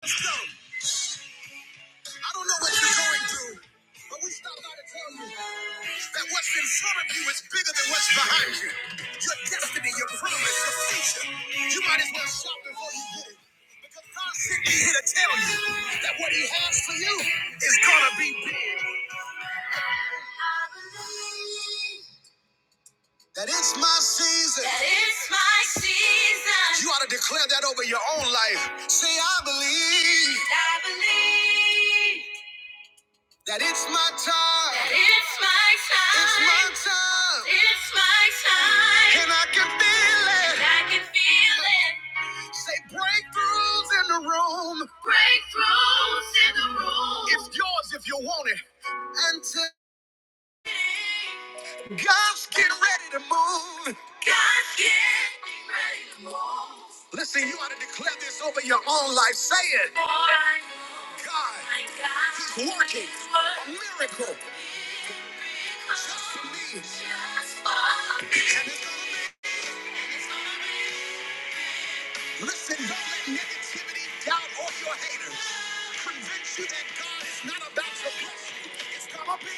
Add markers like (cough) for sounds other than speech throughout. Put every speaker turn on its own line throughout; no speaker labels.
I don't know what you're going through, but we stopped by to tell you that what's in front of you is bigger than what's behind you. Your destiny, your promise, your future. You might as well stop before you get it. Because God sent me here to tell you that what He has for you is going to be big. That it's my season. You ought to declare that over your own life. Say, I believe that it's my time. My time. And I can feel Say breakthroughs in the room. It's yours if you want it. And to God's getting ready to move. Listen, you ought to declare this over your own life. Say it. God working. Miracle. Me. And it's gonna be. Listen, don't let negativity, doubt, or your haters convince you that God is not about to bless you. It's gonna be.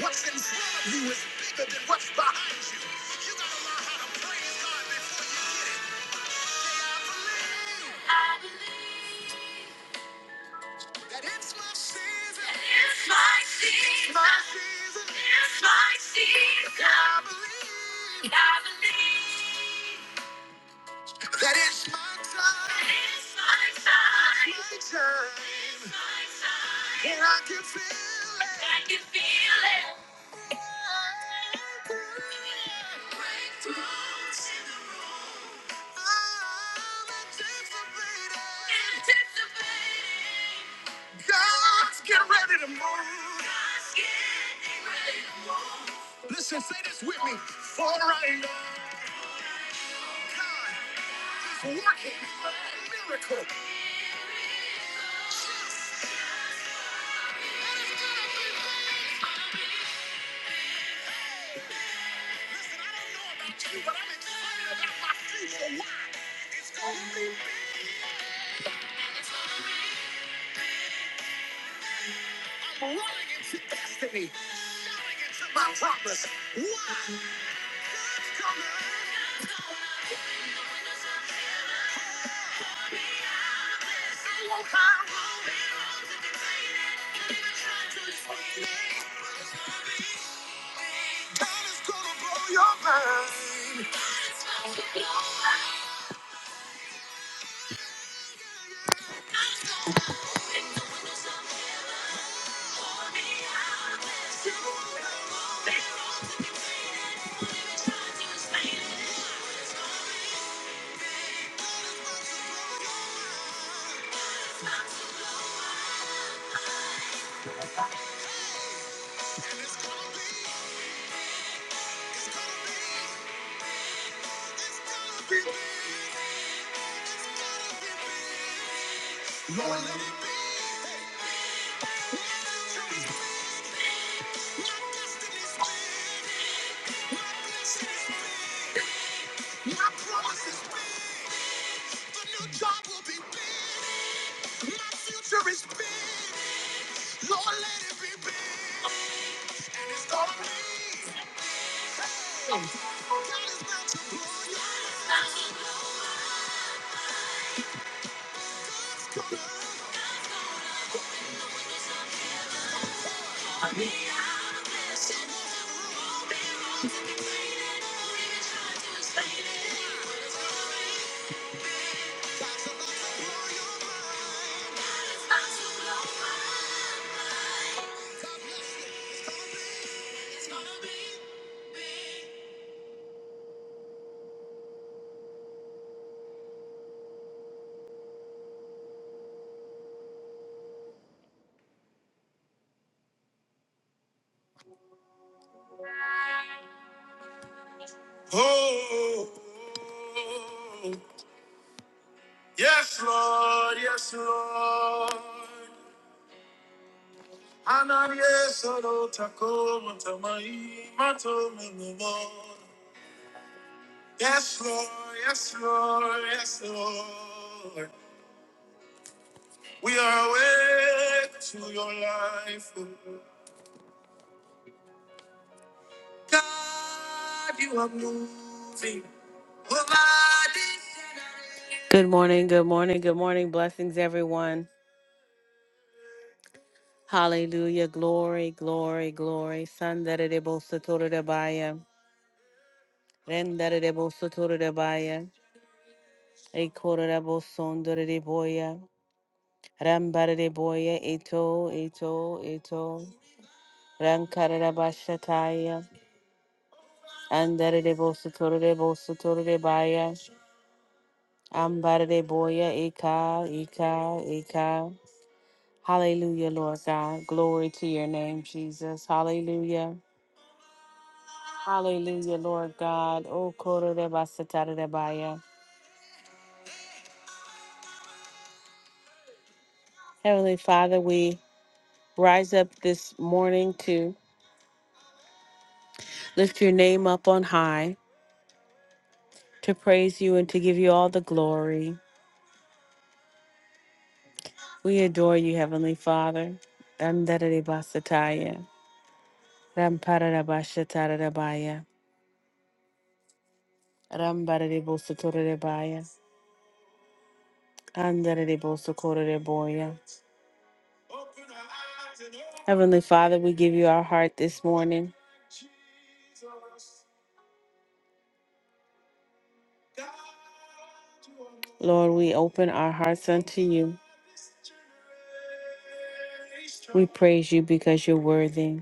What's in front of you is bigger than what's behind you. You gotta learn how to praise God before you get it. Say, I believe that it's my season. That it's my time, my time, and I can feel it. I'm anticipating. God's getting ready to move. Listen, say this with me. For I know God is working a miracle. And I don't know about you, but I'm excited about my future. Why? It's going to be big. I'm running into destiny, running into my promise. Why? God's coming. God is gonna blow your mind. Lord, let it destiny My promise is big. The new job will be big. My future is big. Lord, let it be big. It's gonna be. God is not- Oh, yes, Lord, yes, Lord. Ananias, Takoma, Tamai, Mato, Menemo. Yes, Lord. Yes, Lord. Yes, Lord. We are awake to your life. oh God, you are moving. over this Good morning. Good morning. Good morning. Blessings, everyone. Hallelujah. Glory, glory, glory. Sandarebo sotorebaya. Rendarebo sotorebaya. Ekorabo sondoreboya. Rambareboya. Eto, eto, eto. Rankarada Bashataya, Andare de Bosutore Bosutore de Baya, Ambare de Boya, Eka, Eka, Eka. Hallelujah, Lord God. Glory to your name, Jesus. Hallelujah. Hallelujah, Lord God. O Koro de basatara de Baya. Heavenly Father, we rise up this morning to lift your name up on high, to praise you and to give you all the glory. We adore you, Heavenly Father. Andare de Basataya. Rampararabashatararabaya. Rambararibosotorarabaya. Andararibosokoraraboya. Heavenly Father, we give you our heart this morning. Lord, we open our hearts unto you. We praise you because you're worthy.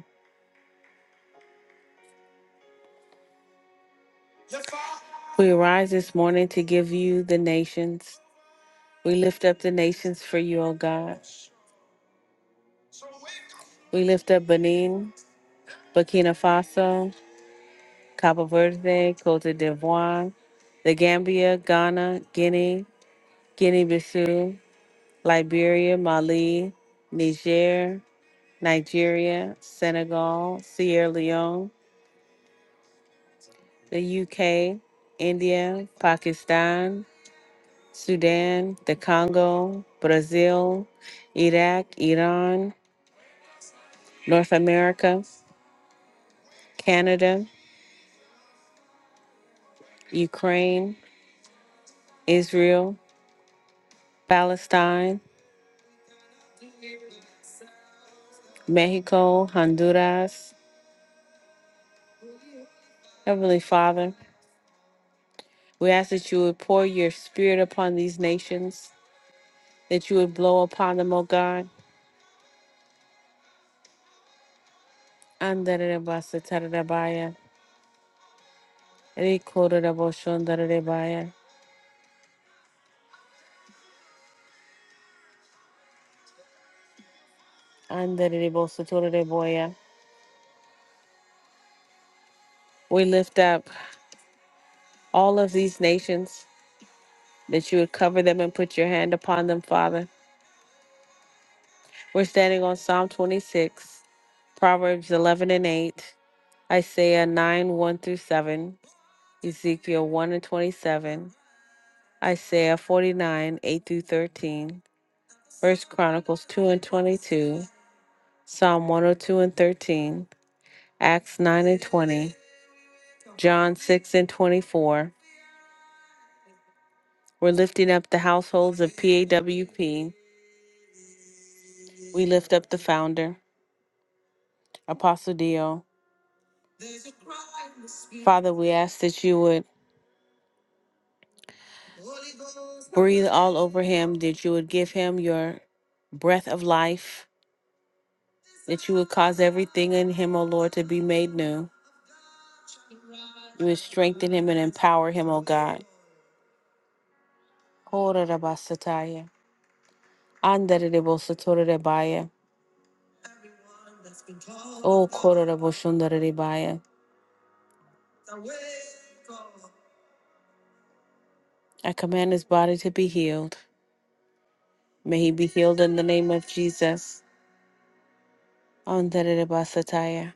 We rise this morning to give you the nations. We lift up the nations for you, O God. We lift up Benin, Burkina Faso, Cabo Verde, Cote d'Ivoire, the Gambia, Ghana, Guinea, Guinea Bissau, Liberia, Mali, Niger, Nigeria, Senegal, Sierra Leone, the UK, India, Pakistan, Sudan, the Congo, Brazil, Iraq, Iran, North America, Canada, Ukraine, Israel, Palestine, Mexico, Honduras. Heavenly Father, we ask that you would pour your spirit upon these nations, that you would blow upon them, O God. Andarerebasatarebaya, rikorerebosondarerebaya, andarerebosotoloreboya. We lift up all of these nations, that you would cover them and put your hand upon them, Father. We're standing on Psalm 26, Proverbs 11 and 8, Isaiah 9, 1 through 7. Ezekiel 1 and 27, Isaiah 49, 8 through 13, First Chronicles 2 and 22, Psalm 102 and 13, Acts 9 and 20, John 6 and 24. We're lifting up the households of PAWP. We lift up the founder, Apostle Dio. Father, we ask that you would breathe all over him, that you would give him your breath of life, that you would cause everything in him, O Lord, to be made new. You would strengthen him and empower him, O God. Kororabasataya. Andaredebosotorodebaya. O kororabosondarodebaya. I command his body to be healed. May he be healed in the name of Jesus. Andaredebasataya.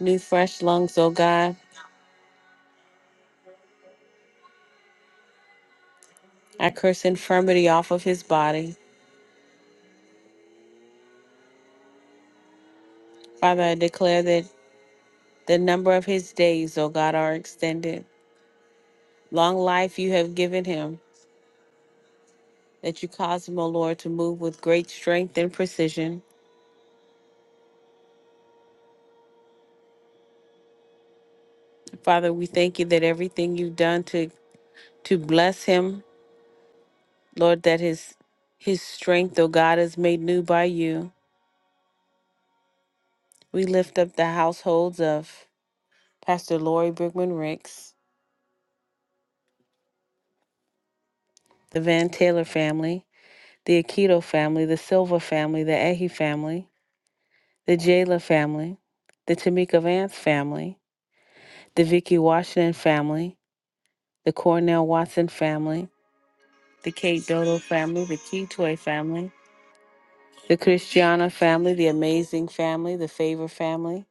New fresh lungs, O God. I curse infirmity off of his body. Father, I declare that the number of his days, O God, are extended. Long life you have given him, that you cause him, O Lord, to move with great strength and precision. Father, we thank you that everything you've done to to bless him, Lord, that his his strength, oh God, is made new by you. We lift up the households of Pastor Lori Brickman Ricks, the Van Taylor family, the Akito family, the Silva family, the Ehi family, the Jayla family, the Tamika Vance family, the Vicky Washington family, the Cornell Watson family, the Kate Dodo family, the Key Toy family, the Christiana family, the Amazing family, the Favor family,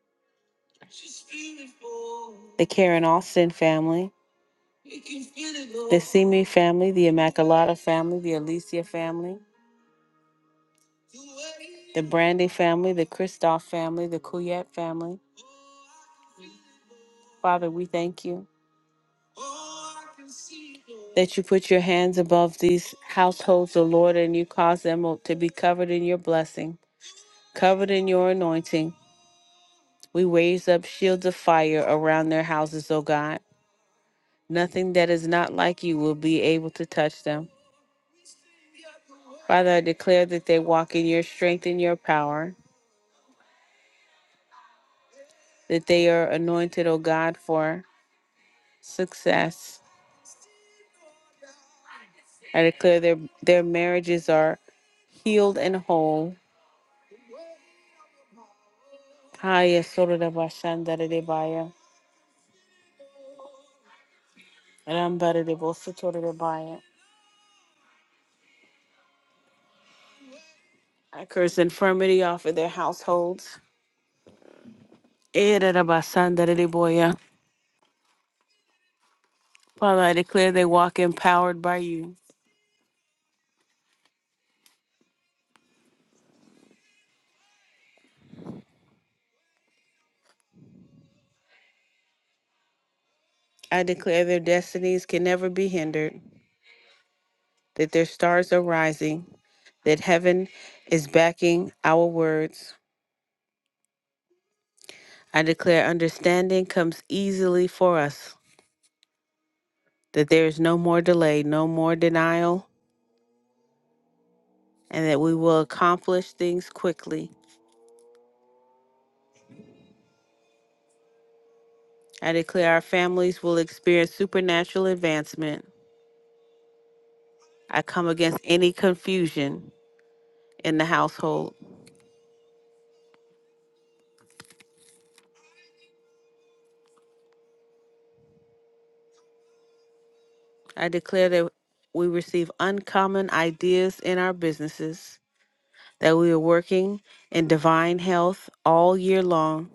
the Karen Austin family, the Simi family, the Immaculata family, the Alicia family, the Brandy family, the Christoph family, the Kuyet family. Father, we thank you that you put your hands above these households, O Lord, and you cause them to be covered in your blessing, covered in your anointing. We raise up shields of fire around their houses, O God. Nothing that is not like you will be able to touch them. Father, I declare that they walk in your strength and your power, that they are anointed, O God, for success. I declare their their marriages are healed and whole. Haya sorada bashanda debaya, rambara de debaya. I curse infirmity off of their households. Era da deboya. Father, I declare they walk empowered by you. I declare their destinies can never be hindered, that their stars are rising, that heaven is backing our words. I declare understanding comes easily for us, that there is no more delay, no more denial, and that we will accomplish things quickly. I declare our families will experience supernatural advancement. I come against any confusion in the household. I declare that we receive uncommon ideas in our businesses, that we are working in divine health all year long,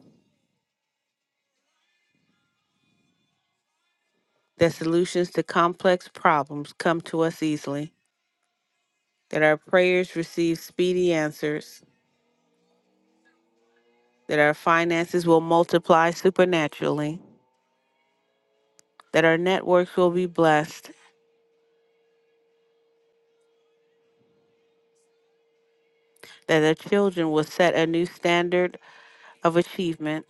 that solutions to complex problems come to us easily, that our prayers receive speedy answers, that our finances will multiply supernaturally, that our networks will be blessed, that our children will set a new standard of achievement.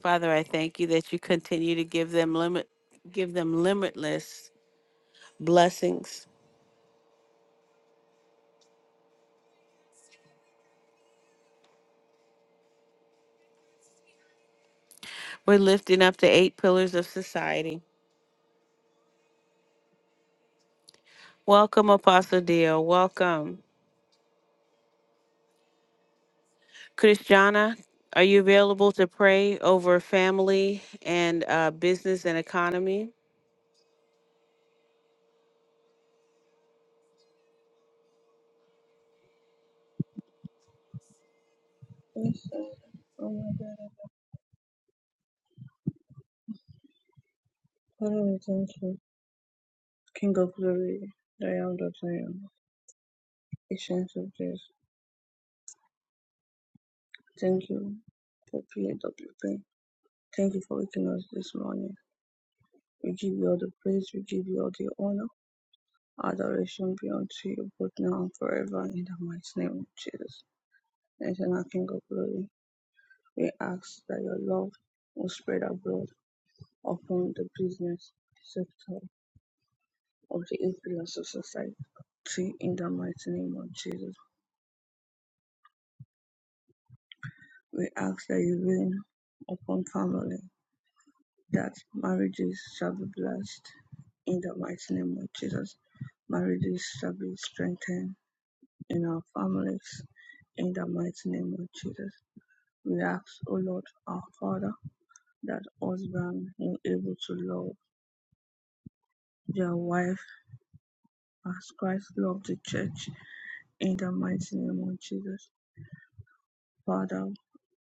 Father, I thank you that you continue to give them limit give them limitless blessings. We're lifting up the eight pillars of society. Welcome, Apostle Dale. Welcome. Christiana, are you available to pray over family and uh, business and economy?
Yes, Lord. Oh my God, I put it thank King of glory, I am that I am. Ancient of days, thank you for being the pain. Thank you for waking us this morning. We give you all the praise, we give you all the honor. Adoration be unto you, both now and forever, in the mighty name of Jesus. Eternal King of glory, we ask that your love will spread abroad upon the business sector of the influence of society in the mighty name of Jesus. We ask that you rain upon family, that marriages shall be blessed. In the mighty name of Jesus, marriages shall be strengthened in our families. In the mighty name of Jesus, we ask, O Lord, our Father, that husband will be able to love their wife as Christ loved the church. In the mighty name of Jesus, Father,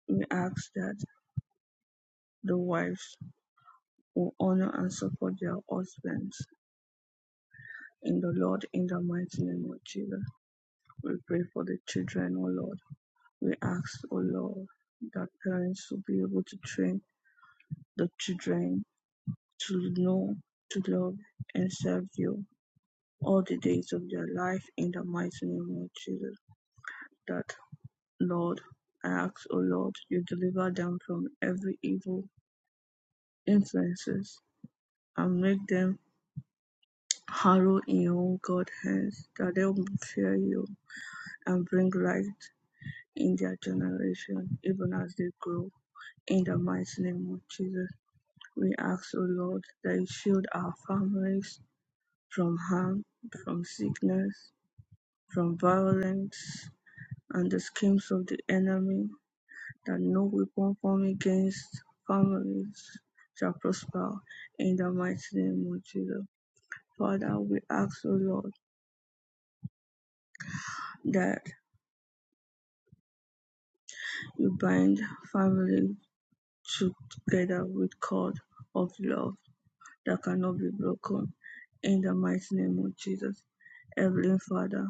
we ask that the wives will honor and support their husbands In the Lord, in the mighty name of Jesus, we pray for the children, O Lord. We ask, O Lord, that parents will be able to train the children to know, to love, and serve you all the days of their life in the mighty name of Jesus. That, Lord, I ask, O Lord, you deliver them from every evil influences and make them harrow in your own God hands, that they will fear you and bring light in their generation, even as they grow. In the mighty name of Jesus, we ask, O Lord, that you shield our families from harm, from sickness, from violence, and the schemes of the enemy, that no weapon formed against families shall prosper. In the mighty name of Jesus. Father, we ask, O Lord, that you bind families together with cord of love that cannot be broken. In the mighty name of Jesus, Heavenly Father,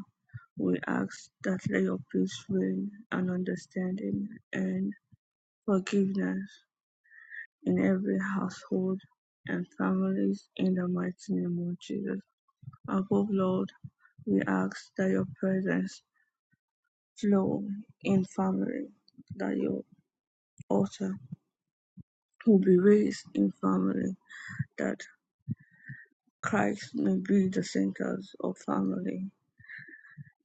we ask that let your peace reign and understanding and forgiveness in every household and families in the mighty name of Jesus. Above Lord, we ask that your presence flow in family, that your altar will be raised in family, that Christ may be the center of family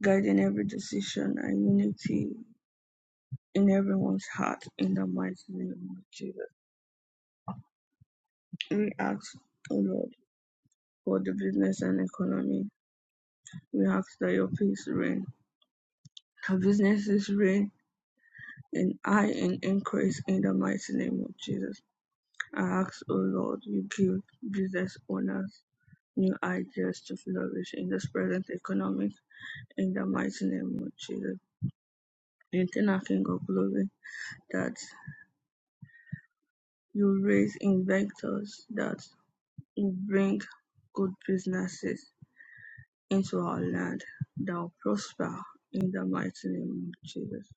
guiding every decision and unity in everyone's heart in the mighty name of Jesus. We ask, O Lord, for the business and economy. We ask that your peace reign. Our businesses reign in high and increase in the mighty name of Jesus. I ask, O Lord, you give business owners new ideas to flourish in this present economy in the mighty name of Jesus. Eternal King of Glory, that you raise inventors, that. Bring good businesses into our land that will prosper in the mighty name of Jesus.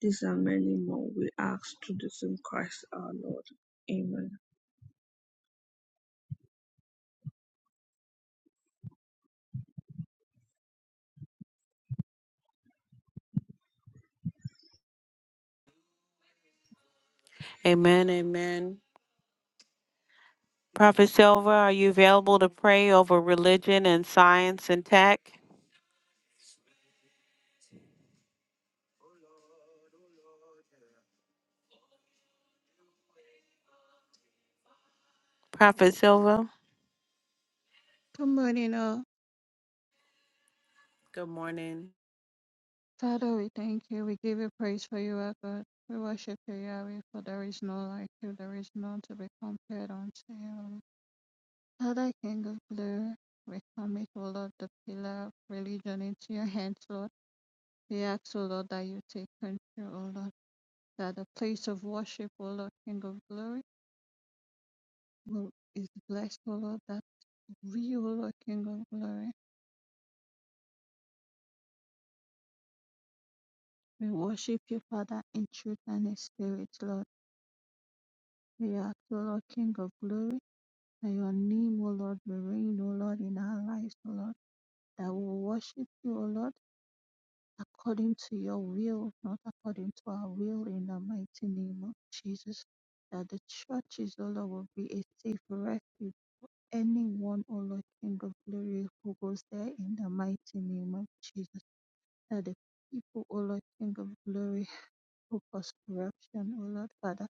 These and many more we ask through the same Christ our Lord. Amen.
Amen. Amen. Prophet Silva, are you available to pray over religion and science and tech? Prophet Silva.
Good morning, all.
Good morning.
Father, we thank you. We give you praise for you, our God. We worship you, Yahweh, for there is no like you. There is none to be compared unto you. Father, King of glory, we commit, O Lord, the pillar of religion into your hands, Lord. We ask, O Lord, that you take control, O Lord, that the place of worship, O Lord, King of glory, will- is blessed, O Lord, that we, O Lord, King of glory, we worship you, Father, in truth and in spirit, Lord. We ask, O Lord, King of glory May your name, O Lord, be reign, O Lord, in our lives, O Lord, that we will worship you, O Lord, according to your will, not according to our will, in the mighty name of Jesus. That the churches, O Lord, will be a safe refuge. Anyone, O Lord, King of glory, who goes there in the mighty name of Jesus. That the people, O Lord, King of glory, who cause corruption, O Lord, Father,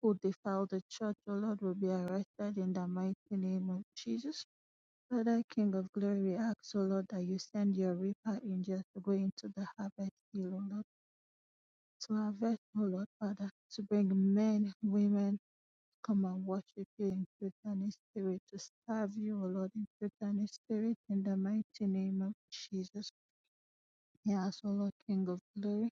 who defile the church, O Lord, will be arrested in the mighty name of Jesus Father King of glory, we ask, O Lord, that you send your reaper angels to go into the harvest field, O Lord, to harvest, O Lord, Father, to bring men, women, come and worship you in truth and in spirit, to serve you, O Lord, in truth and in spirit, in the mighty name of Jesus. Yes, O Lord, King of glory,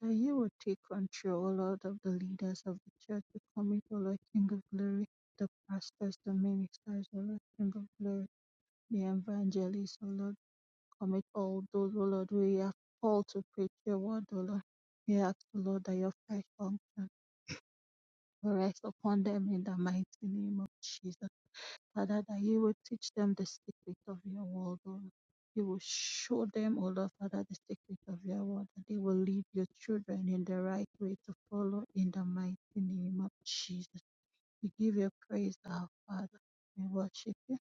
that you will take control, O Lord, of the leaders of the church, to commit, O Lord, King of glory, the pastors, the ministers, O Lord, King of glory, the evangelists, O Lord. commit all those, O Lord, we are called to preach your word, O Lord. We ask, O Lord, that your fresh unction will rest upon them in the mighty name of Jesus. Father, that you will teach them the secret of your word, O Lord. You will show them, O Lord, Father, the secret of your word, that they will lead your children in the right way to follow in the mighty name of Jesus. We give you praise, our Father. We worship you.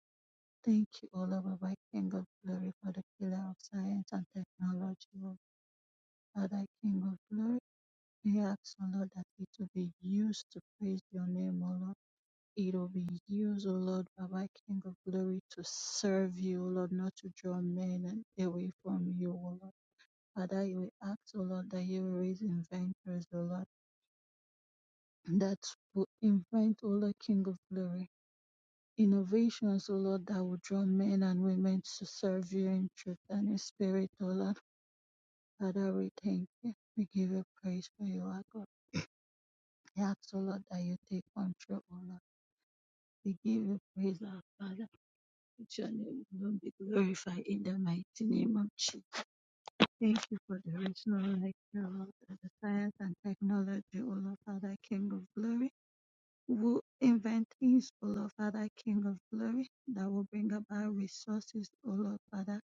Thank you, O Lord, our King of glory, for the pillar of science and technology, O Father, King of glory, we ask, O Lord, that it will be used to praise your name, O Lord. It will be used, O Lord, Baba, King of glory, to serve you, O Lord, not to draw men and away from you, O Lord. Father, we ask, O Lord, that you will raise inventors, O Lord, (clears throat) that will invent, O Lord, King of glory. Innovations, O Lord, that will draw men and women to serve you in truth and in spirit, O Lord. Father, we thank you. We give you praise for you, our God. I ask, O Lord, that you take control, O Lord. We give you praise, our Father. Let your name alone be glorified in the mighty name of Jesus. Thank you for the original light, O Lord, and the science and technology, O Lord, Father, King of glory. Who invent things, O Lord, Father, King of glory, that will bring about resources, O Lord, Father,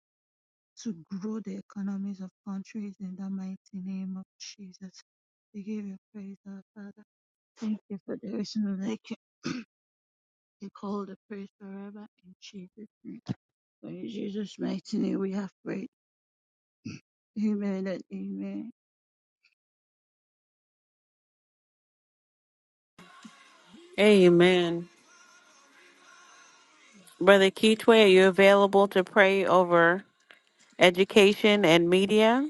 to grow the economies of countries in the mighty name of Jesus. We give you praise, our Father. Thank you for the original light, and call the praise forever in Jesus' name. For in Jesus' mighty name we have prayed. Amen and amen.
Amen. Brother Keetway, are you available to pray over education and media?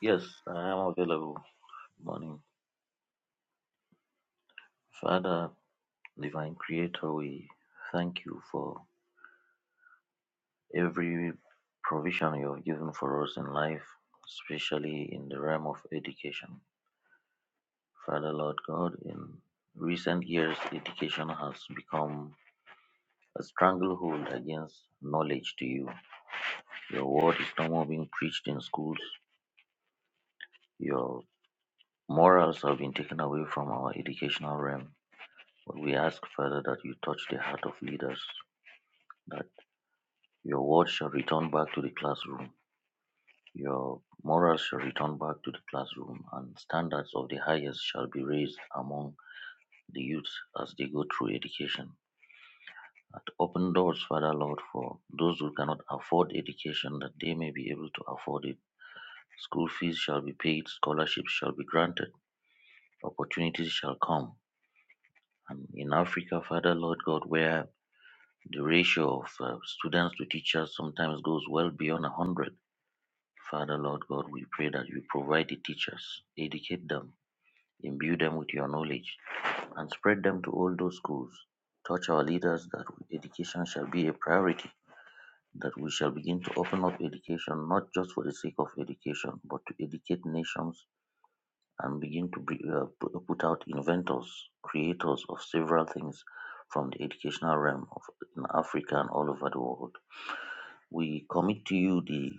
Yes, I am available. Morning. Father, Divine Creator, we thank you for every provision you have given for us in life, especially in the realm of education. Father, Lord God, in recent years, education has become a stranglehold against knowledge to you. Your word is no more being preached in schools. Your morals have been taken away from our educational realm. But we ask, Father, that you touch the heart of leaders that. Your word shall return back to the classroom. Your morals shall return back to the classroom, and standards of the highest shall be raised among the youth as they go through education. And open doors, Father Lord, for those who cannot afford education, that they may be able to afford it. School fees shall be paid, scholarships shall be granted, opportunities shall come. And in Africa, Father Lord God, where the ratio of uh, students to teachers sometimes goes well beyond 100, Father, Lord God, we pray that you provide the teachers, educate them, imbue them with your knowledge, and spread them to all those schools. Touch our leaders that education shall be a priority, that we shall begin to open up education not just for the sake of education, but to educate nations and begin to bring, uh, pu- put out inventors, creators of several things from the educational realm of in Africa and all over the world. We commit to you the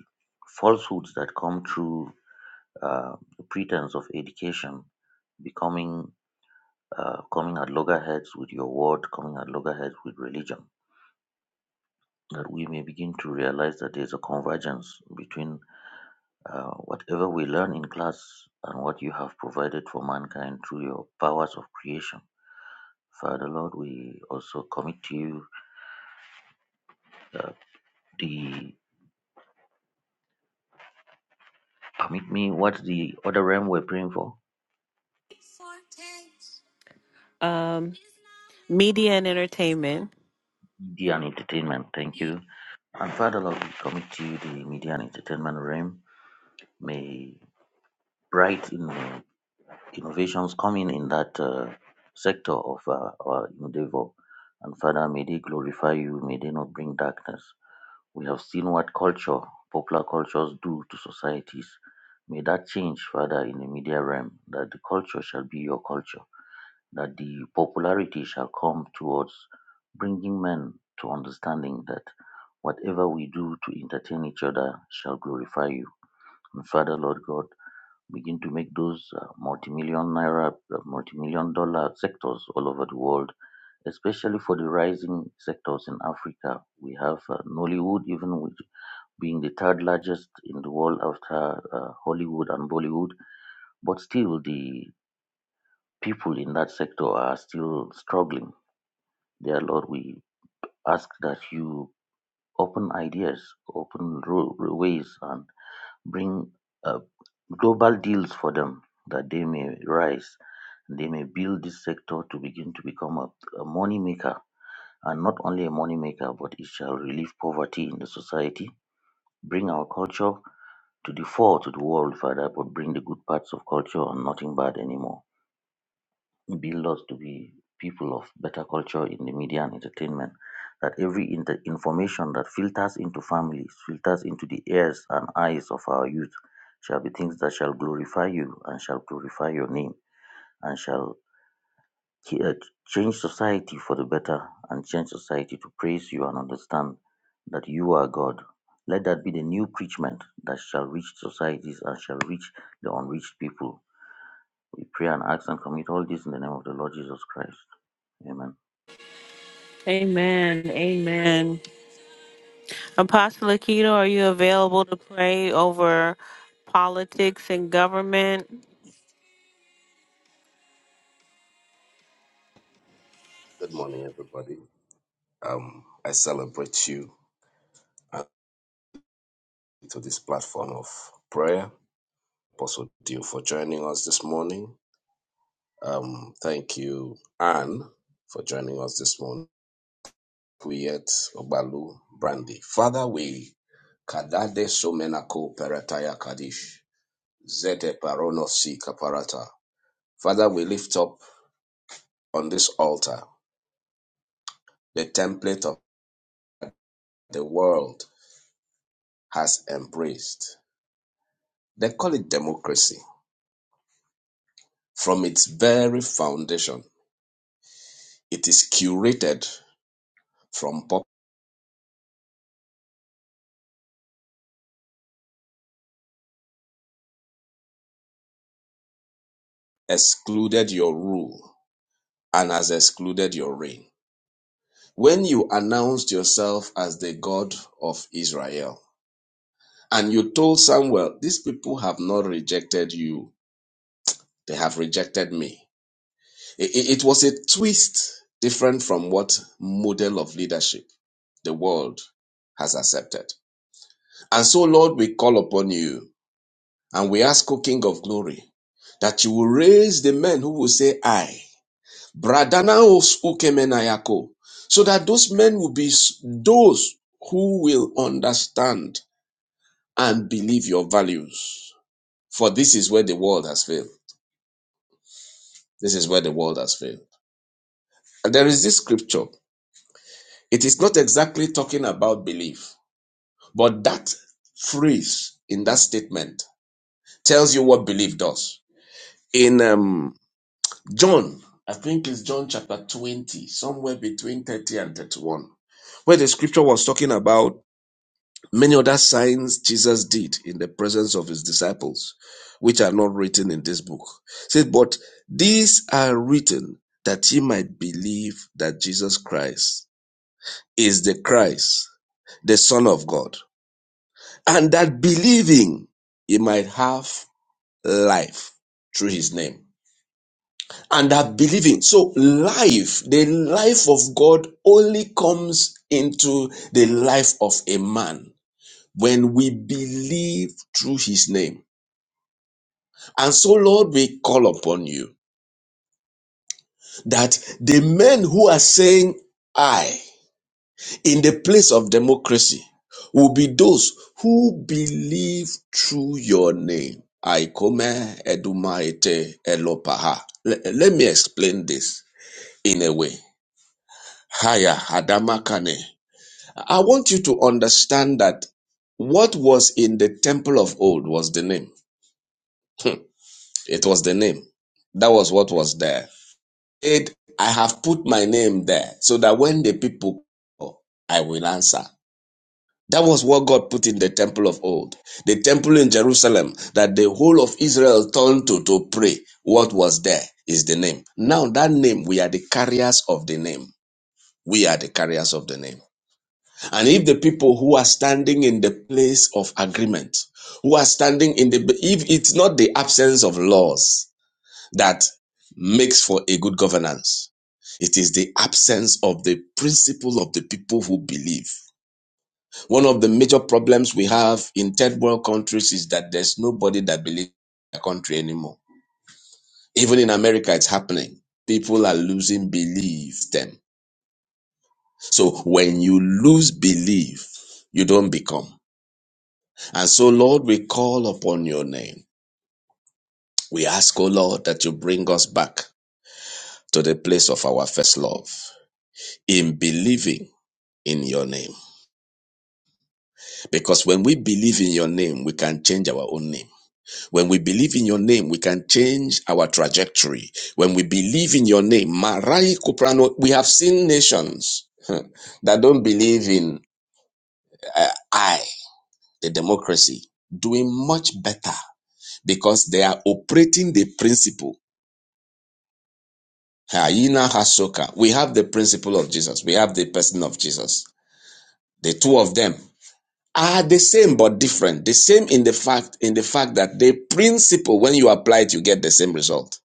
falsehoods that come through uh, the pretense of education becoming uh, coming at loggerheads with your word, coming at loggerheads with religion, that we may begin to realize that there's a convergence between uh, whatever we learn in class and what you have provided for mankind through your powers of creation. Father Lord, we also commit to you uh, the permit me what the other realm we're praying for
Um, media and entertainment.
media and entertainment. Thank you, and Father Lord, we commit to you the media and entertainment realm. May bright in- innovations coming in that uh, sector of uh, our endeavor. And Father, may they glorify you, may they not bring darkness. We have seen what culture, popular cultures do to societies. May that change, Father, in the media realm, that the culture shall be your culture, that the popularity shall come towards bringing men to understanding that whatever we do to entertain each other shall glorify you. And Father, Lord God, begin to make those uh, multi-million naira, uh, multi-million dollar sectors all over the world, especially for the rising sectors in Africa. We have uh, Nollywood, even with being the third largest in the world after uh, Hollywood and Bollywood, but still the people in that sector are still struggling. Dear Lord, we ask that you open ideas, open ro- ways, and bring uh, global deals for them that they may rise they may build this sector to begin to become a, a money maker and not only a money maker but it shall relieve poverty in the society bring our culture to the fore to the world father but bring the good parts of culture and nothing bad anymore build us to be people of better culture in the media and entertainment that every inter- information that filters into families filters into the ears and eyes of our youth shall be things that shall glorify you and shall glorify your name and shall Ch- uh, change society for the better and change society to praise you and understand that you are God. Let that be the new preachment that shall reach societies and shall reach the unreached people. We pray and ask and commit all this in the name of the Lord Jesus Christ. Amen.
Amen. Amen. Apostle Akito, are you available to pray over politics and government?
Good morning, everybody. Um, I celebrate you and to this platform of prayer. Apostle Dio for joining us this morning. Um, thank you, Anne, for joining us this morning. Kuyet Obalu Brandy. Father, we kadade somenako perataya kadish. Zete parono si kaparata. Father, we lift up on this altar the template of the world has embraced. They call it democracy From its very foundation, it is curated from purpose, excluded your rule, and has excluded your reign. When you announced yourself as the God of Israel, and you told Samuel, These people have not rejected you, they have rejected me. I- I- It was a twist different from what model of leadership the world has accepted. And so, Lord, we call upon you And we ask, O King of Glory, that you will raise the men who will say, I. Bradanaos ukemenayako. So that those men will be s- those who will understand and believe your values. For this is where the world has failed. This is where the world has failed. And there is this scripture. It is not exactly talking about belief, but that phrase in that statement tells you what belief does. In um, John, I think it's John chapter 20, somewhere between 30 and 31, where the scripture was talking about many other signs Jesus did in the presence of his disciples, which are not written in this book. It Said, but these are written that ye might believe that Jesus Christ is the Christ, the Son of God, and that believing ye might have life through his name. and are believing. So life, the life of God only comes into the life of a man when we believe through his name. And so Lord, we call upon you that the men who are saying I in the place of democracy will be those who believe through your name. I come edumaite elopaha. Let me explain this in a way. Haya Hadamakane. I want you to understand that what was in the temple of old was the name. (laughs) It was the name. That was what was there. It, I have put my name there so that when the people call, I will answer. That was what God put in the temple of old. The temple in Jerusalem that the whole of Israel turned to to pray. What was there is the name. Now that name, we are the carriers of the name. We are the carriers of the name. And if the people who are standing in the place of agreement, who are standing in the, if it's not the absence of laws that makes for a good governance, it is the absence of the principle of the people who believe. One of the major problems we have in third world countries is that there's nobody that believes in the country anymore. Even in America, it's happening. People are losing belief them. So when you lose belief, you don't become. And so, Lord, we call upon your name. We ask, O Lord, that you bring us back to the place of our first love in believing in your name. Because when we believe in your name, we can change our own name. When we believe in your name, we can change our trajectory. When we believe in your name, Marai Kuprano, we have seen nations (laughs) that don't believe in I, the democracy, doing much better because they are operating the principle Hyena Hasoka. We have the principle of Jesus. We have the person of Jesus. The two of them are the same but different. The same in the fact in the fact that the principle, when you apply it, you get the same result.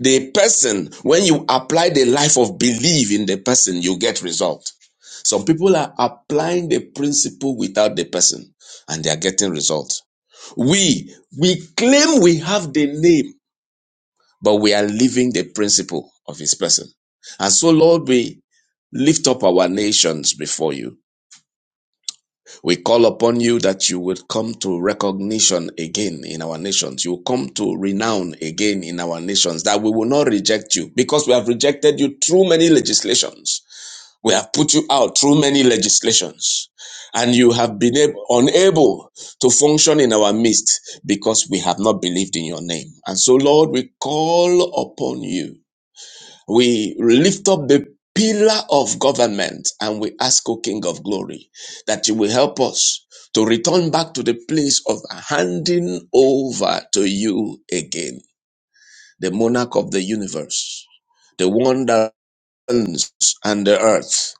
The person, when you apply the life of belief in the person, you get result. Some people are applying the principle without the person, and they are getting results. We we claim we have the name, but we are living the principle of his person. And so, Lord, we lift up our nations before you. We call upon you that you would come to recognition again in our nations. You will come to renown again in our nations, that we will not reject you because we have rejected you through many legislations. We have put you out through many legislations and you have been able, unable to function in our midst because we have not believed in your name. And so, Lord, we call upon you we lift up the pillar of government and we ask, O King of Glory, that you will help us to return back to the place of handing over to you again, the monarch of the universe, the one that heavens and the earth,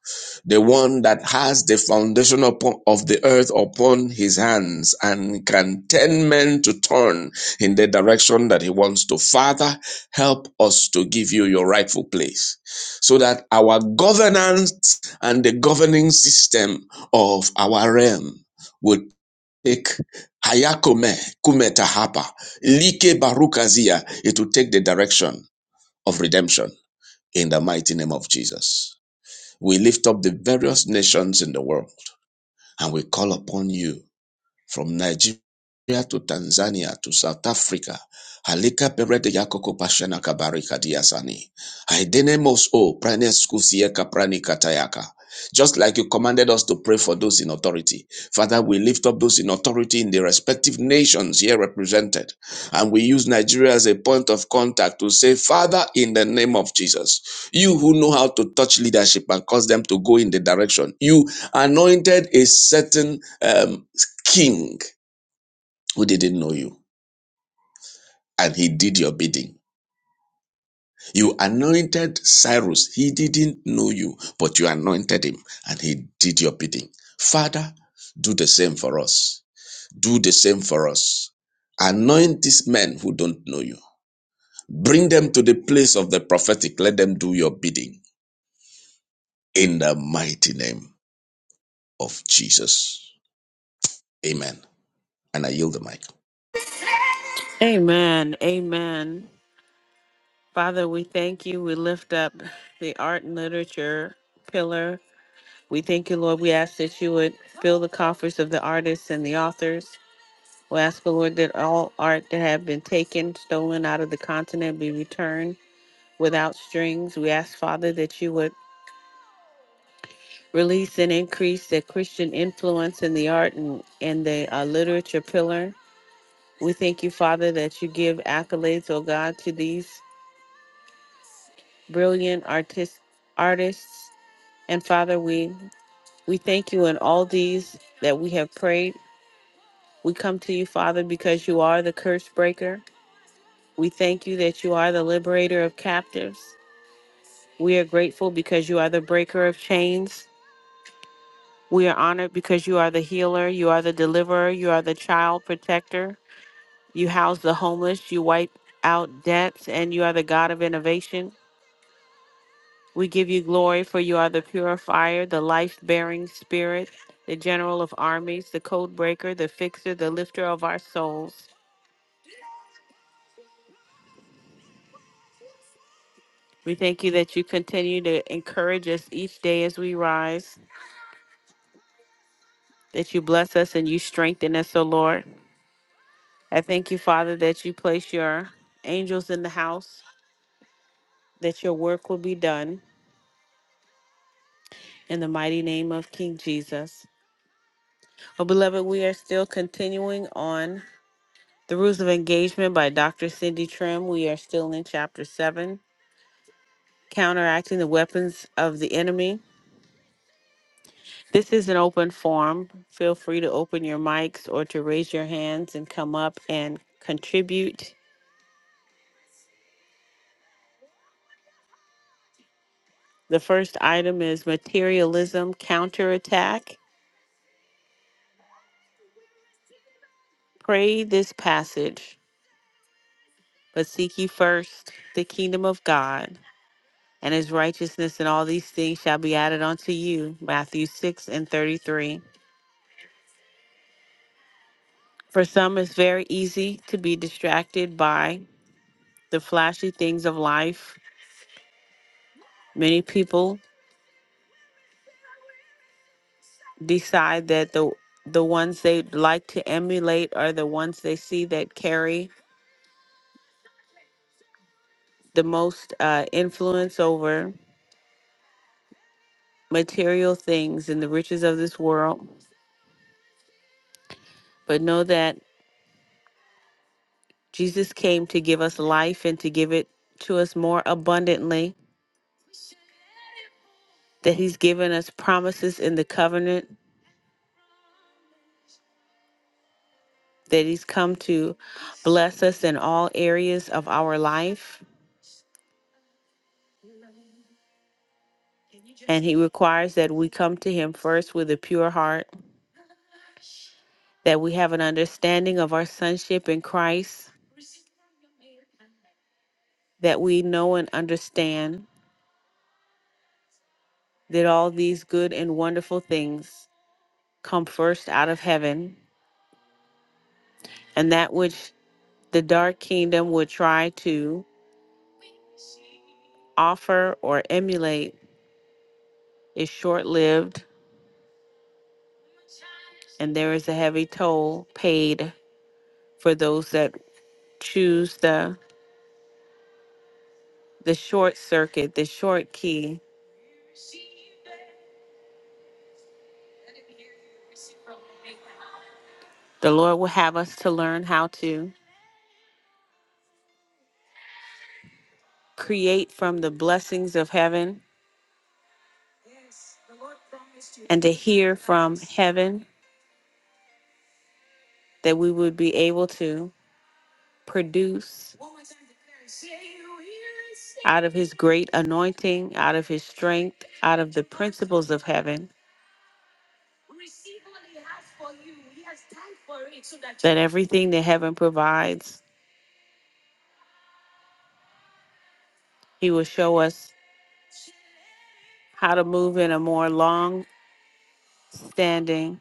the one that has the foundation upon, of the earth upon his hands and can turn men to turn in the direction that he wants to. Father, help us to give you your rightful place so that our governance and the governing system of our realm would take Hayakome Kumetahapa Like Barukazia, it will take the direction of redemption in the mighty name of Jesus. We lift up the various nations in the world and we call upon you from Nigeria to Tanzania to South Africa. Halika perede yakoko pashana kabarika diasani. Haidenemos o pranes kusieka prani katayaka. Just like you commanded us to pray for those in authority. Father, we lift up those in authority in the respective nations here represented. And we use Nigeria as a point of contact to say, Father, in the name of Jesus, you who know how to touch leadership and cause them to go in the direction, you anointed a certain um, king who didn't know you and he did your bidding. You anointed Cyrus. He didn't know you, but you anointed him and he did your bidding. Father, do the same for us. Do the same for us. Anoint these men who don't know you. Bring them to the place of the prophetic. Let them do your bidding in the mighty name of Jesus. Amen. And I yield the mic.
Amen. Amen. Father, we thank you. We lift up the art and literature pillar. We thank you, Lord. We ask that you would fill the coffers of the artists and the authors. We ask, the Lord, that all art that have been taken, stolen out of the continent be returned without strings. We ask, Father, that you would release and increase the Christian influence in the art and, and the uh, literature pillar. We thank you, Father, that you give accolades, oh God, to these brilliant artist, artists. And Father, we, we thank you in all these that we have prayed. We come to you, Father, because you are the curse breaker. We thank you that you are the liberator of captives. We are grateful because you are the breaker of chains. We are honored because you are the healer, you are the deliverer, you are the child protector. You house the homeless, you wipe out debts, and you are the God of innovation. We give you glory, for you are the purifier, the life bearing spirit, the general of armies, the code breaker, the fixer, the lifter of our souls. We thank you that you continue to encourage us each day as we rise, that you bless us and you strengthen us, O Lord. I thank you, Father, that you place your angels in the house, that your work will be done. In the mighty name of King Jesus. Well, beloved, we are still continuing on The Rules of Engagement by Dr. Cindy Trim. We are still in Chapter 7, Counteracting the Weapons of the Enemy. This is an open forum. Feel free to open your mics or to raise your hands and come up and contribute. The first item is Materialism Counterattack. Pray this passage, but seek ye first the kingdom of God and his righteousness and all these things shall be added unto you. Matthew 6 and 33. For some, it's very easy to be distracted by the flashy things of life. Many people decide that the the ones they like to emulate are the ones they see that carry the most uh, influence over material things and the riches of this world. But know that Jesus came to give us life and to give it to us more abundantly that He's given us promises in the covenant, that He's come to bless us in all areas of our life. And He requires that we come to Him first with a pure heart, that we have an understanding of our sonship in Christ, that we know and understand that all these good and wonderful things come first out of heaven, and that which the dark kingdom would try to offer or emulate is short lived and there is a heavy toll paid for those that choose the the short circuit, the short key. The Lord will have us to learn how to create from the blessings of heaven and to hear from heaven that we would be able to produce out of his great anointing, out of his strength, out of the principles of heaven. That everything that heaven provides, He will show us how to move in a more long standing,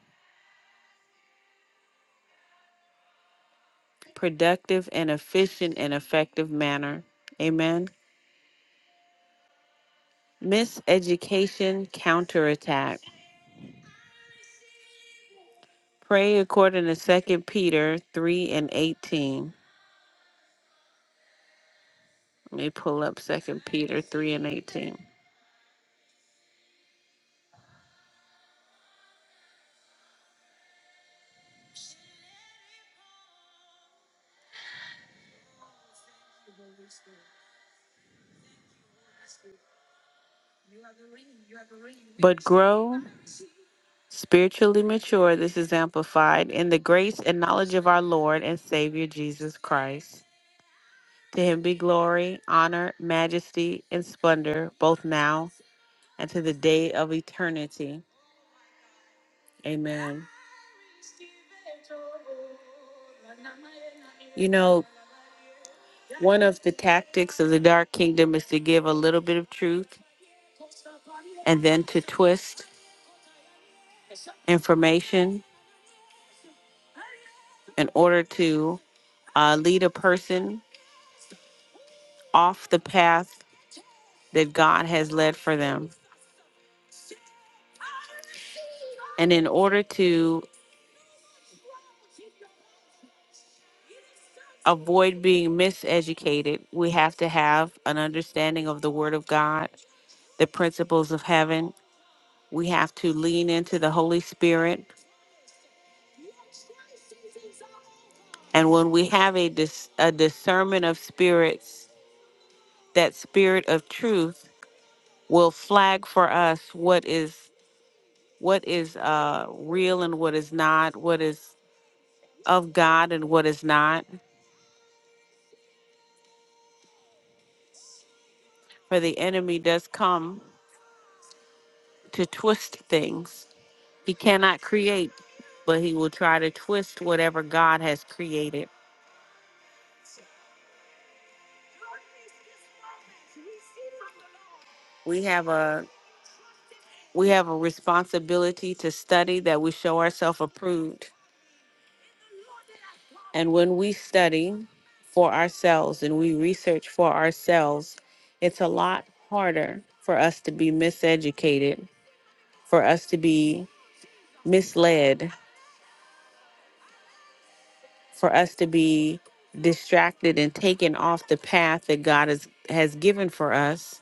productive, and efficient and effective manner. Amen. Miseducation counterattack. Pray according to Second Peter 3 and 18. Let me pull up Second Peter 3 and 18. But grow spiritually mature, this is amplified, in the grace and knowledge of our Lord and Savior Jesus Christ. To him be glory, honor, majesty, and splendor, both now and to the day of eternity. Amen. You know, one of the tactics of the dark kingdom is to give a little bit of truth and then to twist information in order to uh, lead a person off the path that God has led for them. And in order to avoid being miseducated, we have to have an understanding of the Word of God, the principles of heaven. We have to lean into the Holy Spirit. And when we have a, dis- a discernment of spirits, that spirit of truth will flag for us what is what is uh, real and what is not, what is of God and what is not. For the enemy does come to twist things. He cannot create, but he will try to twist whatever God has created. We have a we have a responsibility to study that we show ourselves approved. And when we study for ourselves and we research for ourselves, it's a lot harder for us to be miseducated, for us to be misled, for us to be distracted and taken off the path that God has, has given for us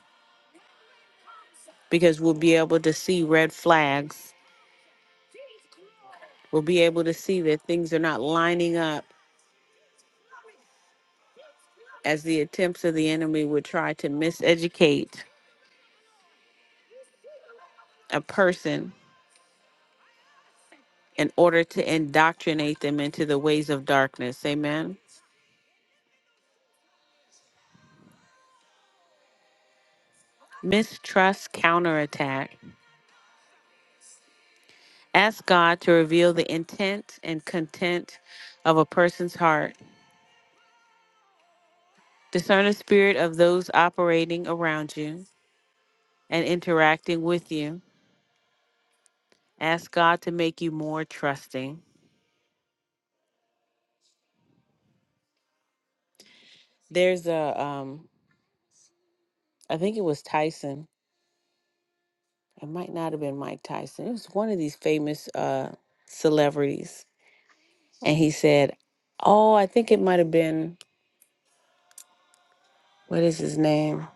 because we'll be able to see red flags. We'll be able to see that things are not lining up as the attempts of the enemy would try to miseducate a person in order to indoctrinate them into the ways of darkness. Amen. Mistrust counterattack. Ask God to reveal the intent and content of a person's heart Discern the spirit of those operating around you and interacting with you. Ask God to make you more trusting. There's a, um, I think it was Tyson. It might not have been Mike Tyson. It was one of these famous uh, celebrities. And he said, Oh, I think it might have been, what is his name?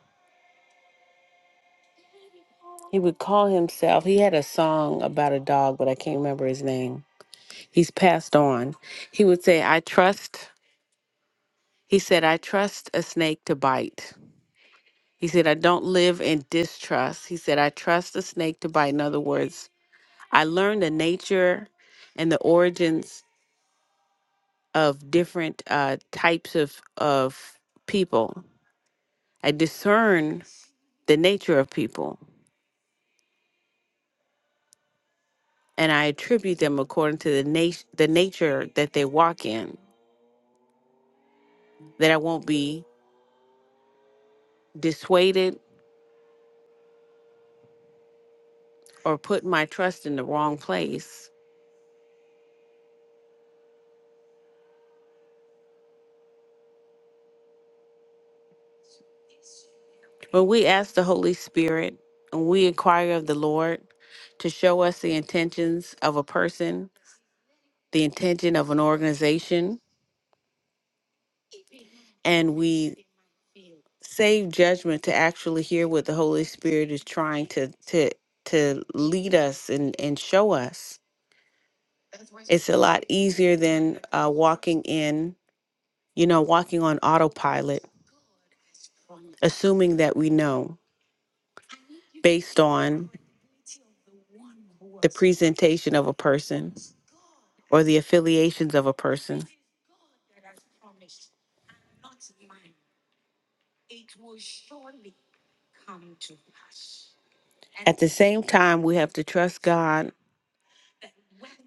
He would call himself, he had a song about a dog, but I can't remember his name. He's passed on. He would say, I trust, he said, I trust a snake to bite. He said, I don't live in distrust. He said, I trust the snake to bite. In other words, I learned the nature and the origins of different uh, types of, of people. I discern the nature of people and I attribute them according to the, nat- the nature that they walk in, that I won't be dissuaded or put my trust in the wrong place When we ask the Holy Spirit and we inquire of the Lord to show us the intentions of a person, the intention of an organization, and we save judgment to actually hear what the Holy Spirit is trying to to to lead us and and show us, it's a lot easier than uh, walking in, you know, walking on autopilot, assuming that we know based on the presentation of a person or the affiliations of a person. At the same time, we have to trust God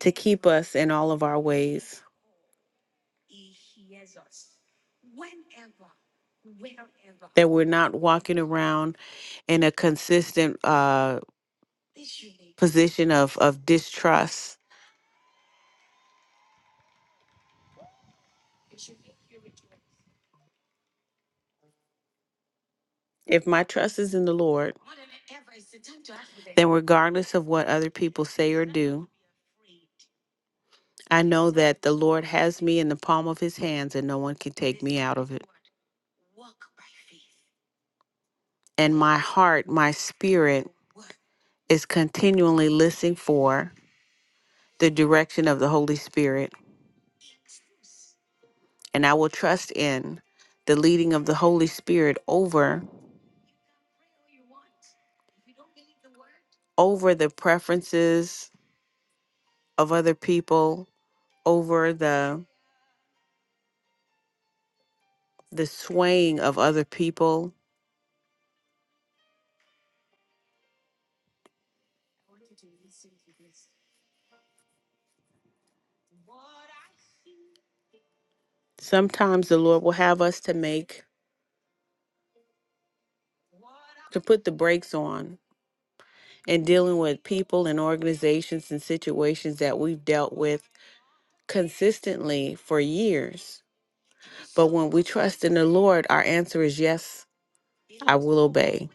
to keep us in all of our ways, that we're not walking around in a consistent uh, position of, of distrust. If my trust is in the Lord, then regardless of what other people say or do, I know that the Lord has me in the palm of his hands and no one can take me out of it. And my heart, my spirit, is continually listening for the direction of the Holy Spirit, and I will trust in the leading of the Holy Spirit over over the preferences of other people, over the the swaying of other people. Sometimes the Lord will have us to make to put the brakes on in dealing with people and organizations and situations that we've dealt with consistently for years. But when we trust in the Lord, our answer is yes I will obey.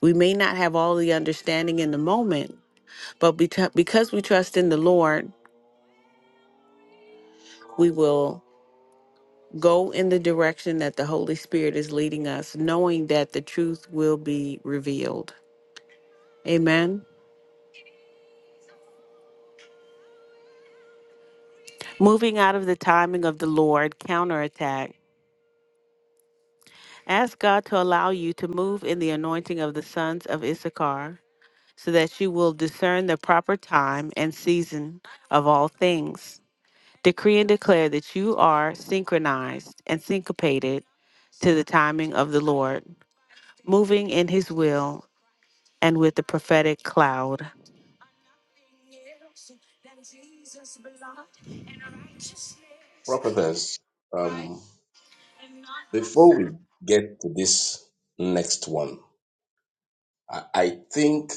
We may not have all the understanding in the moment, but beca- because we trust in the Lord, we will go in the direction that the Holy Spirit is leading us, knowing that the truth will be revealed. Amen. Moving out of the timing of the Lord, counterattack. Ask God to allow you to move in the anointing of the sons of Issachar so that you will discern the proper time and season of all things. decree and declare that you are synchronized and syncopated to the timing of the Lord, moving in his will and with the prophetic cloud.
Prophetess, um, before we get to this next one, I I think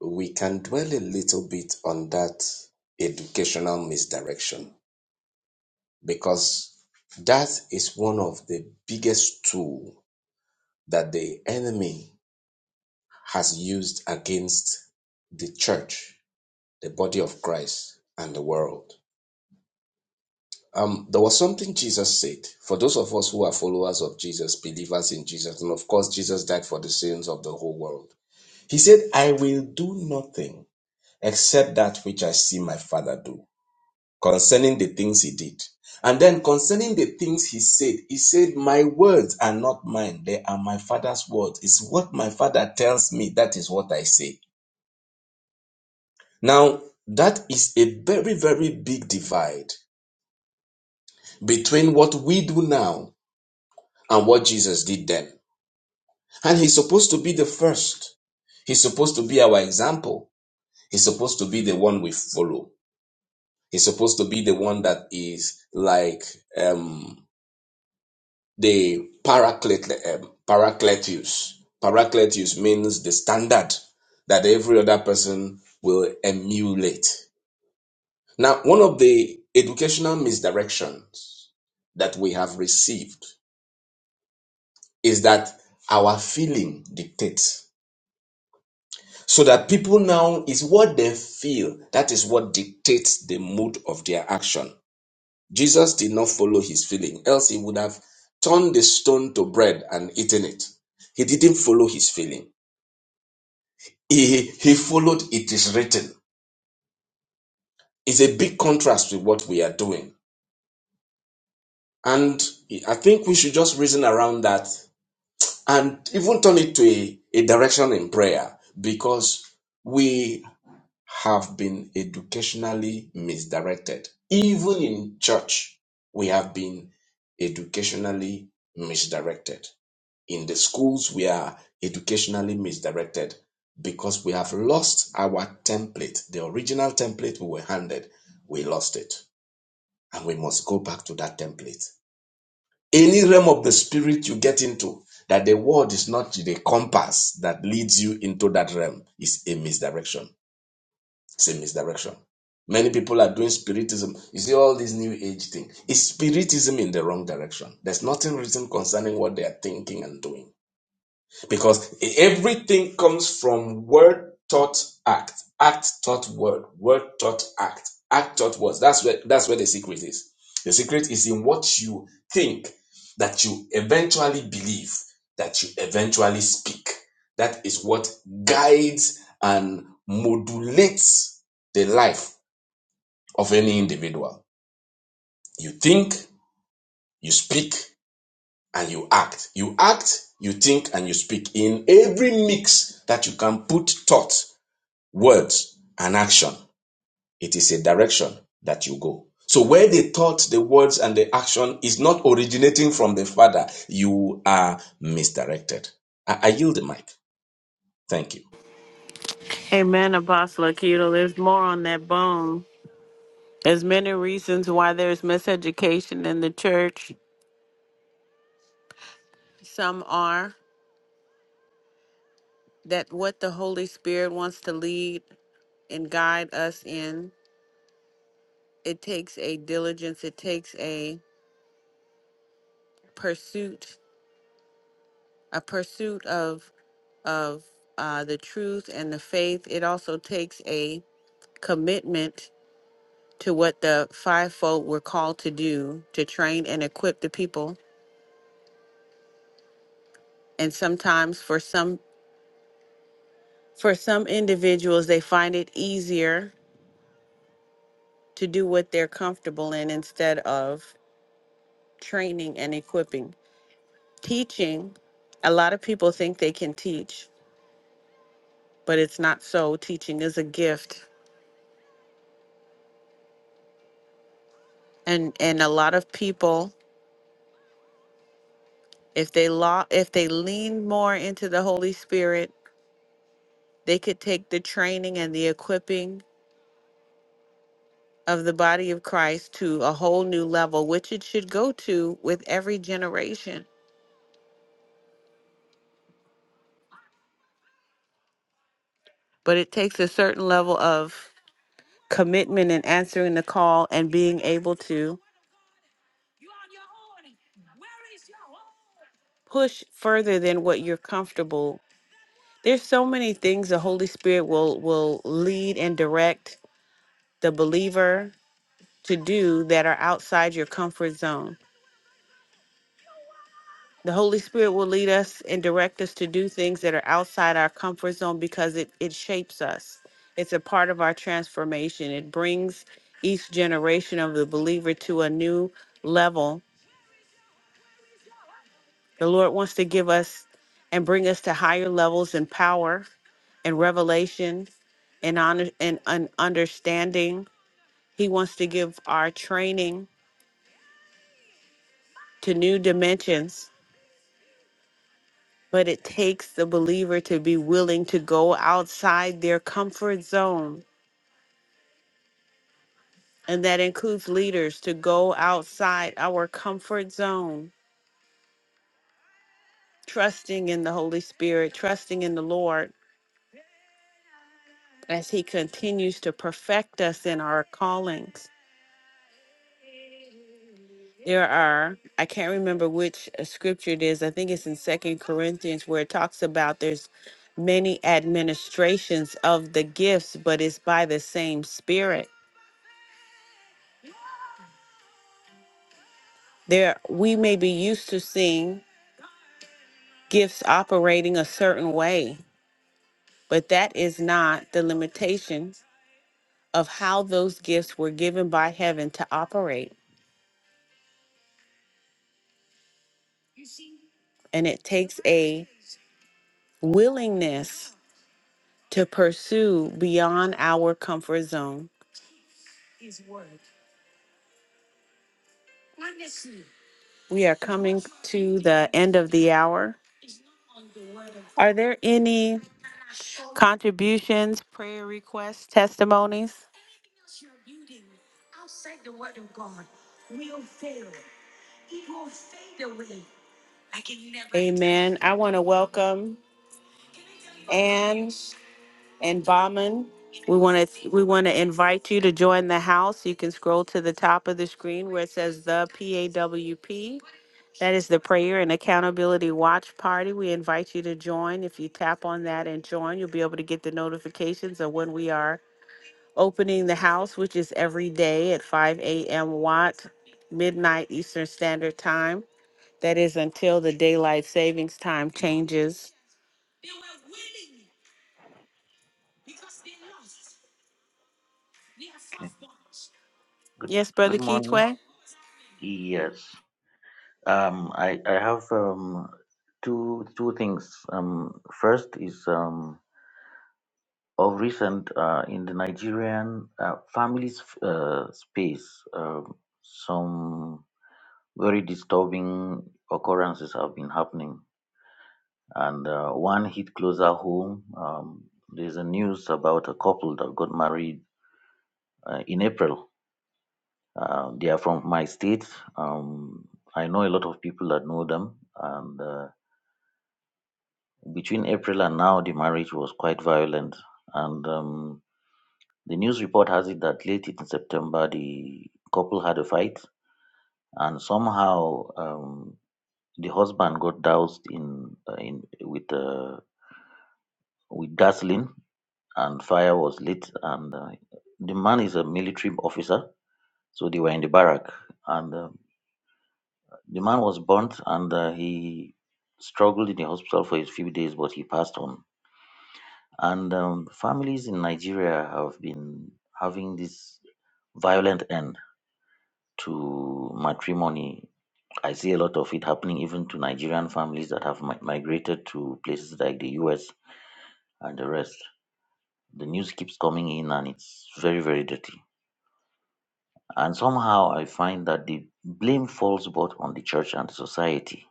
we can dwell a little bit on that educational misdirection because that is one of the biggest tool that the enemy has used against the church, the body of Christ, and the world. Um, there was something Jesus said for those of us who are followers of Jesus, believers in Jesus, and of course, Jesus died for the sins of the whole world. He said, I will do nothing except that which I see my father do concerning the things he did. And then concerning the things he said, he said, My words are not mine, they are my father's words. It's what my father tells me, that is what I say. Now, that is a very, very big divide between what we do now and what Jesus did then. And he's supposed to be the first, he's supposed to be our example, he's supposed to be the one we follow. He's supposed to be the one that is like um, the paraclet, um, paracletus. Paracletus means the standard that every other person will emulate. Now, one of the educational misdirections that we have received is that our feeling dictates. So that people now is what they feel, that is what dictates the mood of their action. Jesus did not follow his feeling, else he would have turned the stone to bread and eaten it. He didn't follow his feeling. He, he followed it is written. It's a big contrast with what we are doing. And I think we should just reason around that and even turn it to a, a direction in prayer because we have been educationally misdirected. Even in church, we have been educationally misdirected. in the schools we are educationally misdirected because we have lost our template the original template we were handed we lost it and we must go back to that template any realm of the spirit you get into that the word is not the compass that leads you into that realm is a misdirection it's a misdirection many people are doing spiritism you see all this new age thing it's spiritism in the wrong direction there's nothing written concerning what they are thinking and doing because everything comes from word thought act act thought word word thought act act thought words that's where that's where the secret is the secret is in what you think that you eventually believe that you eventually speak that is what guides and modulates the life of any individual you think you speak and you act. You act, you think, and you speak in every mix that you can put thought, words, and action. It is a direction that you go. So where the thought, the words, and the action is not originating from the Father, you are misdirected. I, I yield the mic. Thank you.
Amen, Apostle Akito. There's more on that bone. There's many reasons why there's miseducation in the church. Some are that what the Holy Spirit wants to lead and guide us in, it takes a diligence, it takes a pursuit a pursuit of of uh, the truth and the faith. It also takes a commitment to what the fivefold were called to do to train and equip the people. And sometimes for some for some individuals, they find it easier to do what they're comfortable in instead of training and equipping. Teaching, a lot of people think they can teach, but it's not so. Teaching is a gift. And and a lot of people if they law if they lean more into the holy spirit they could take the training and the equipping of the body of christ to a whole new level which it should go to with every generation but it takes a certain level of commitment and answering the call and being able to push further than what you're comfortable there's so many things the holy spirit will will lead and direct the believer to do that are outside your comfort zone The Holy Spirit will lead us and direct us to do things that are outside our comfort zone because it, it shapes us. It's a part of our transformation. It brings each generation of the believer to a new level. The Lord wants to give us and bring us to higher levels in power and revelation and honor and, and understanding. He wants to give our training to new dimensions But it takes the believer to be willing to go outside their comfort zone. And that includes leaders to go outside our comfort zone, trusting in the Holy Spirit, trusting in the Lord as He continues to perfect us in our callings. There are, I can't remember which uh, scripture it is, I think it's in Second Corinthians where it talks about there's many administrations of the gifts, but it's by the same Spirit. there we may be used to seeing gifts operating a certain way but that is not the limitation of how those gifts were given by heaven to operate and it takes a willingness to pursue beyond our comfort zone we are coming to the end of the hour are there any contributions prayer requests testimonies amen i want to welcome Anne. and Bauman. We want to we want to invite you to join the house. You can scroll to the top of the screen where it says the PAWP. That is the Prayer and Accountability Watch Party. We invite you to join. If you tap on that and join, you'll be able to get the notifications of when we are opening the house, which is every day at 5 a.m. Watt, midnight Eastern Standard Time. That is until the daylight savings time changes.
Okay. Good
Yes,
good
Brother
morning.
Keetway?
Yes. Um I, I have um two two things. Um first is um of recent uh, in the Nigerian uh, families uh, space, um, some very disturbing occurrences have been happening. And uh, one hit closer home. Um, there's a news about a couple that got married uh, in April. Uh, they are from my state. Um, I know a lot of people that know them. And uh, between April and now, the marriage was quite violent. And um, The news report has it that late in September, the couple had a fight, and somehow um, the husband got doused in uh, in with uh, with gasoline, and fire was lit. And uh, the man is a military officer, so they were in the barrack, and uh, the man was burnt, and uh, he struggled in the hospital for a few days, but he passed on. And um, families in Nigeria have been having this violent end to matrimony I see a lot of it happening even to Nigerian families that have mi- migrated to places like the US and the rest. The news keeps coming in and it's very, very dirty. And somehow I find that the blame falls both on the church and society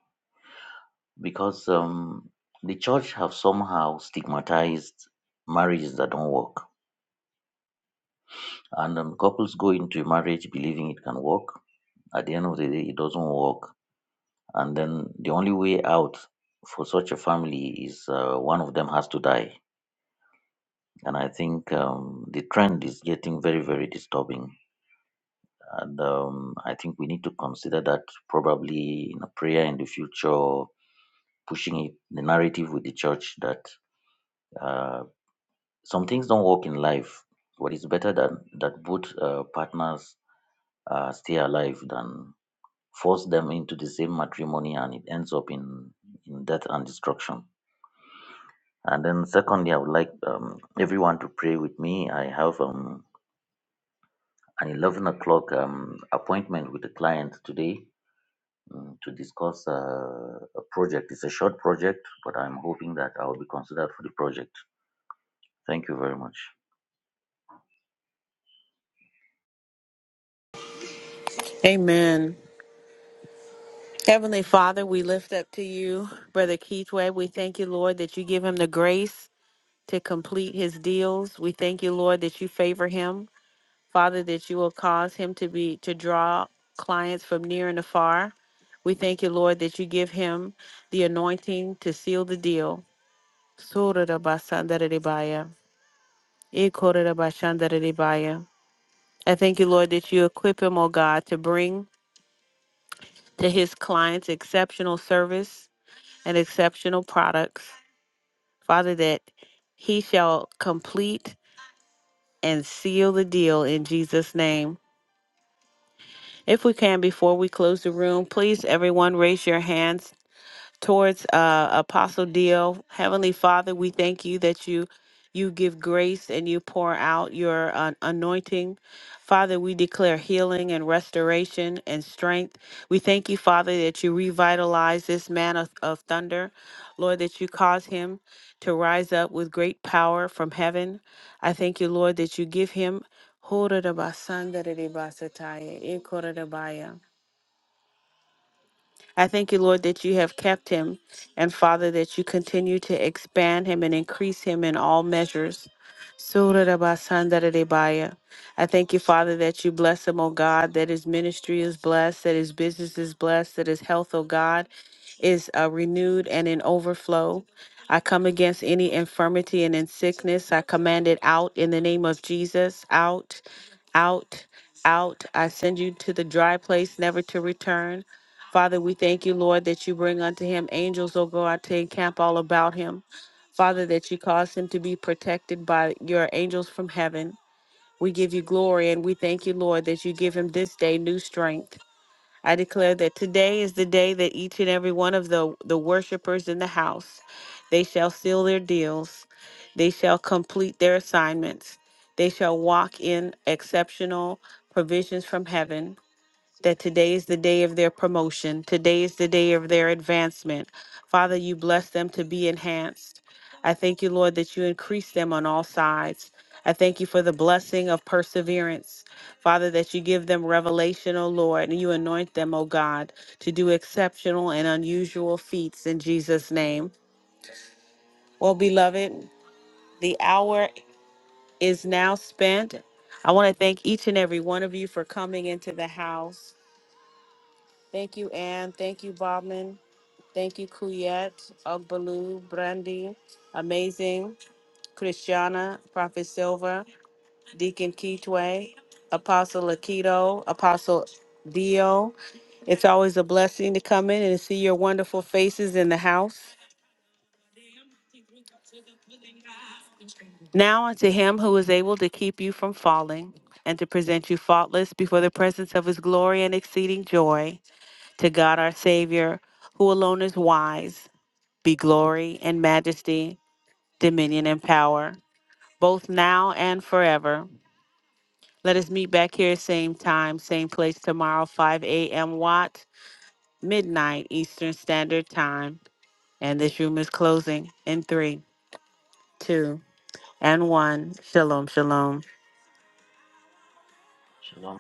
because um, the church have somehow stigmatized marriages that don't work. And um, couples go into a marriage believing it can work. At the end of the day, it doesn't work. And then the only way out for such a family is uh, one of them has to die and I think um, the trend is getting very, very disturbing. And um, I think we need to consider that probably in a prayer in the future, pushing it, the narrative with the church that uh, some things don't work in life, but it's better that, that both uh, partners uh, stay alive than force them into the same matrimony and it ends up in, in death and destruction. And then, secondly, I would like um, everyone to pray with me. I have. Um, An 11 o'clock um, appointment with a client today um, to discuss uh, a project. It's a short project, but I'm hoping that I'll be considered for the project. Thank you very much.
Amen. Heavenly Father, we lift up to you, Brother Keithway. We thank you, Lord, that you give him the grace to complete his deals. We thank you, Lord, that you favor him. Father, that you will cause him to be to draw clients from near and afar. We thank you, Lord, that you give him the anointing to seal the deal. Surarabasandaradibaya, ikorarabashandaradibaya. I thank you, Lord, that you equip him, O God, to bring to his clients exceptional service and exceptional products. Father, that he shall complete and seal the deal in Jesus' name. If we can, before we close the room, please, everyone, raise your hands towards uh, Apostle Dio. Heavenly Father, we thank you that you you give grace and you pour out your uh, anointing. Father, we declare healing and restoration and strength. We thank you, Father, that you revitalize this man of, of thunder. Lord, that you cause him to rise up with great power from heaven. I thank you, Lord, that you give him. (laughs) I thank you, Lord, that you have kept him, and Father, that you continue to expand him and increase him in all measures. Surarabasandaradebaya. I thank you, Father, that you bless him, O God, that his ministry is blessed, that his business is blessed, that his health, O God, is uh, renewed and in overflow. I come against any infirmity and in sickness. I command it out in the name of Jesus. Out, out, out. I send you to the dry place, never to return. Father, we thank you, Lord, that you bring unto him angels, O God, to encamp all about him. Father, that you caused him to be protected by your angels from heaven. We give you glory and we thank you, Lord, that you give him this day new strength. I declare that today is the day that each and every one of the, the worshipers in the house, they shall seal their deals. They shall complete their assignments. They shall walk in exceptional provisions from heaven that today is the day of their promotion. Today is the day of their advancement. Father, you bless them to be enhanced. I thank you, Lord, that you increase them on all sides. I thank you for the blessing of perseverance. Father, that you give them revelation, O Lord, and you anoint them, O God, to do exceptional and unusual feats in Jesus' name. Well, beloved, the hour is now spent. I want to thank each and every one of you for coming into the house. Thank you, Ann. Thank you, Bobman. Thank you, Kuyet, Ogbalu, Brandy, Amazing, Christiana, Prophet Silver, Deacon Keetway, Apostle Akito, Apostle Dio. It's always a blessing to come in and see your wonderful faces in the house. Now unto him who is able to keep you from falling and to present you faultless before the presence of his glory and exceeding joy, to God our Savior, who alone is wise be glory and majesty, dominion and power, both now and forever. Let us meet back here, same time, same place tomorrow, 5 a.m. Watt, midnight Eastern Standard Time. And this room is closing in three, two, and one. Shalom, shalom.
Shalom.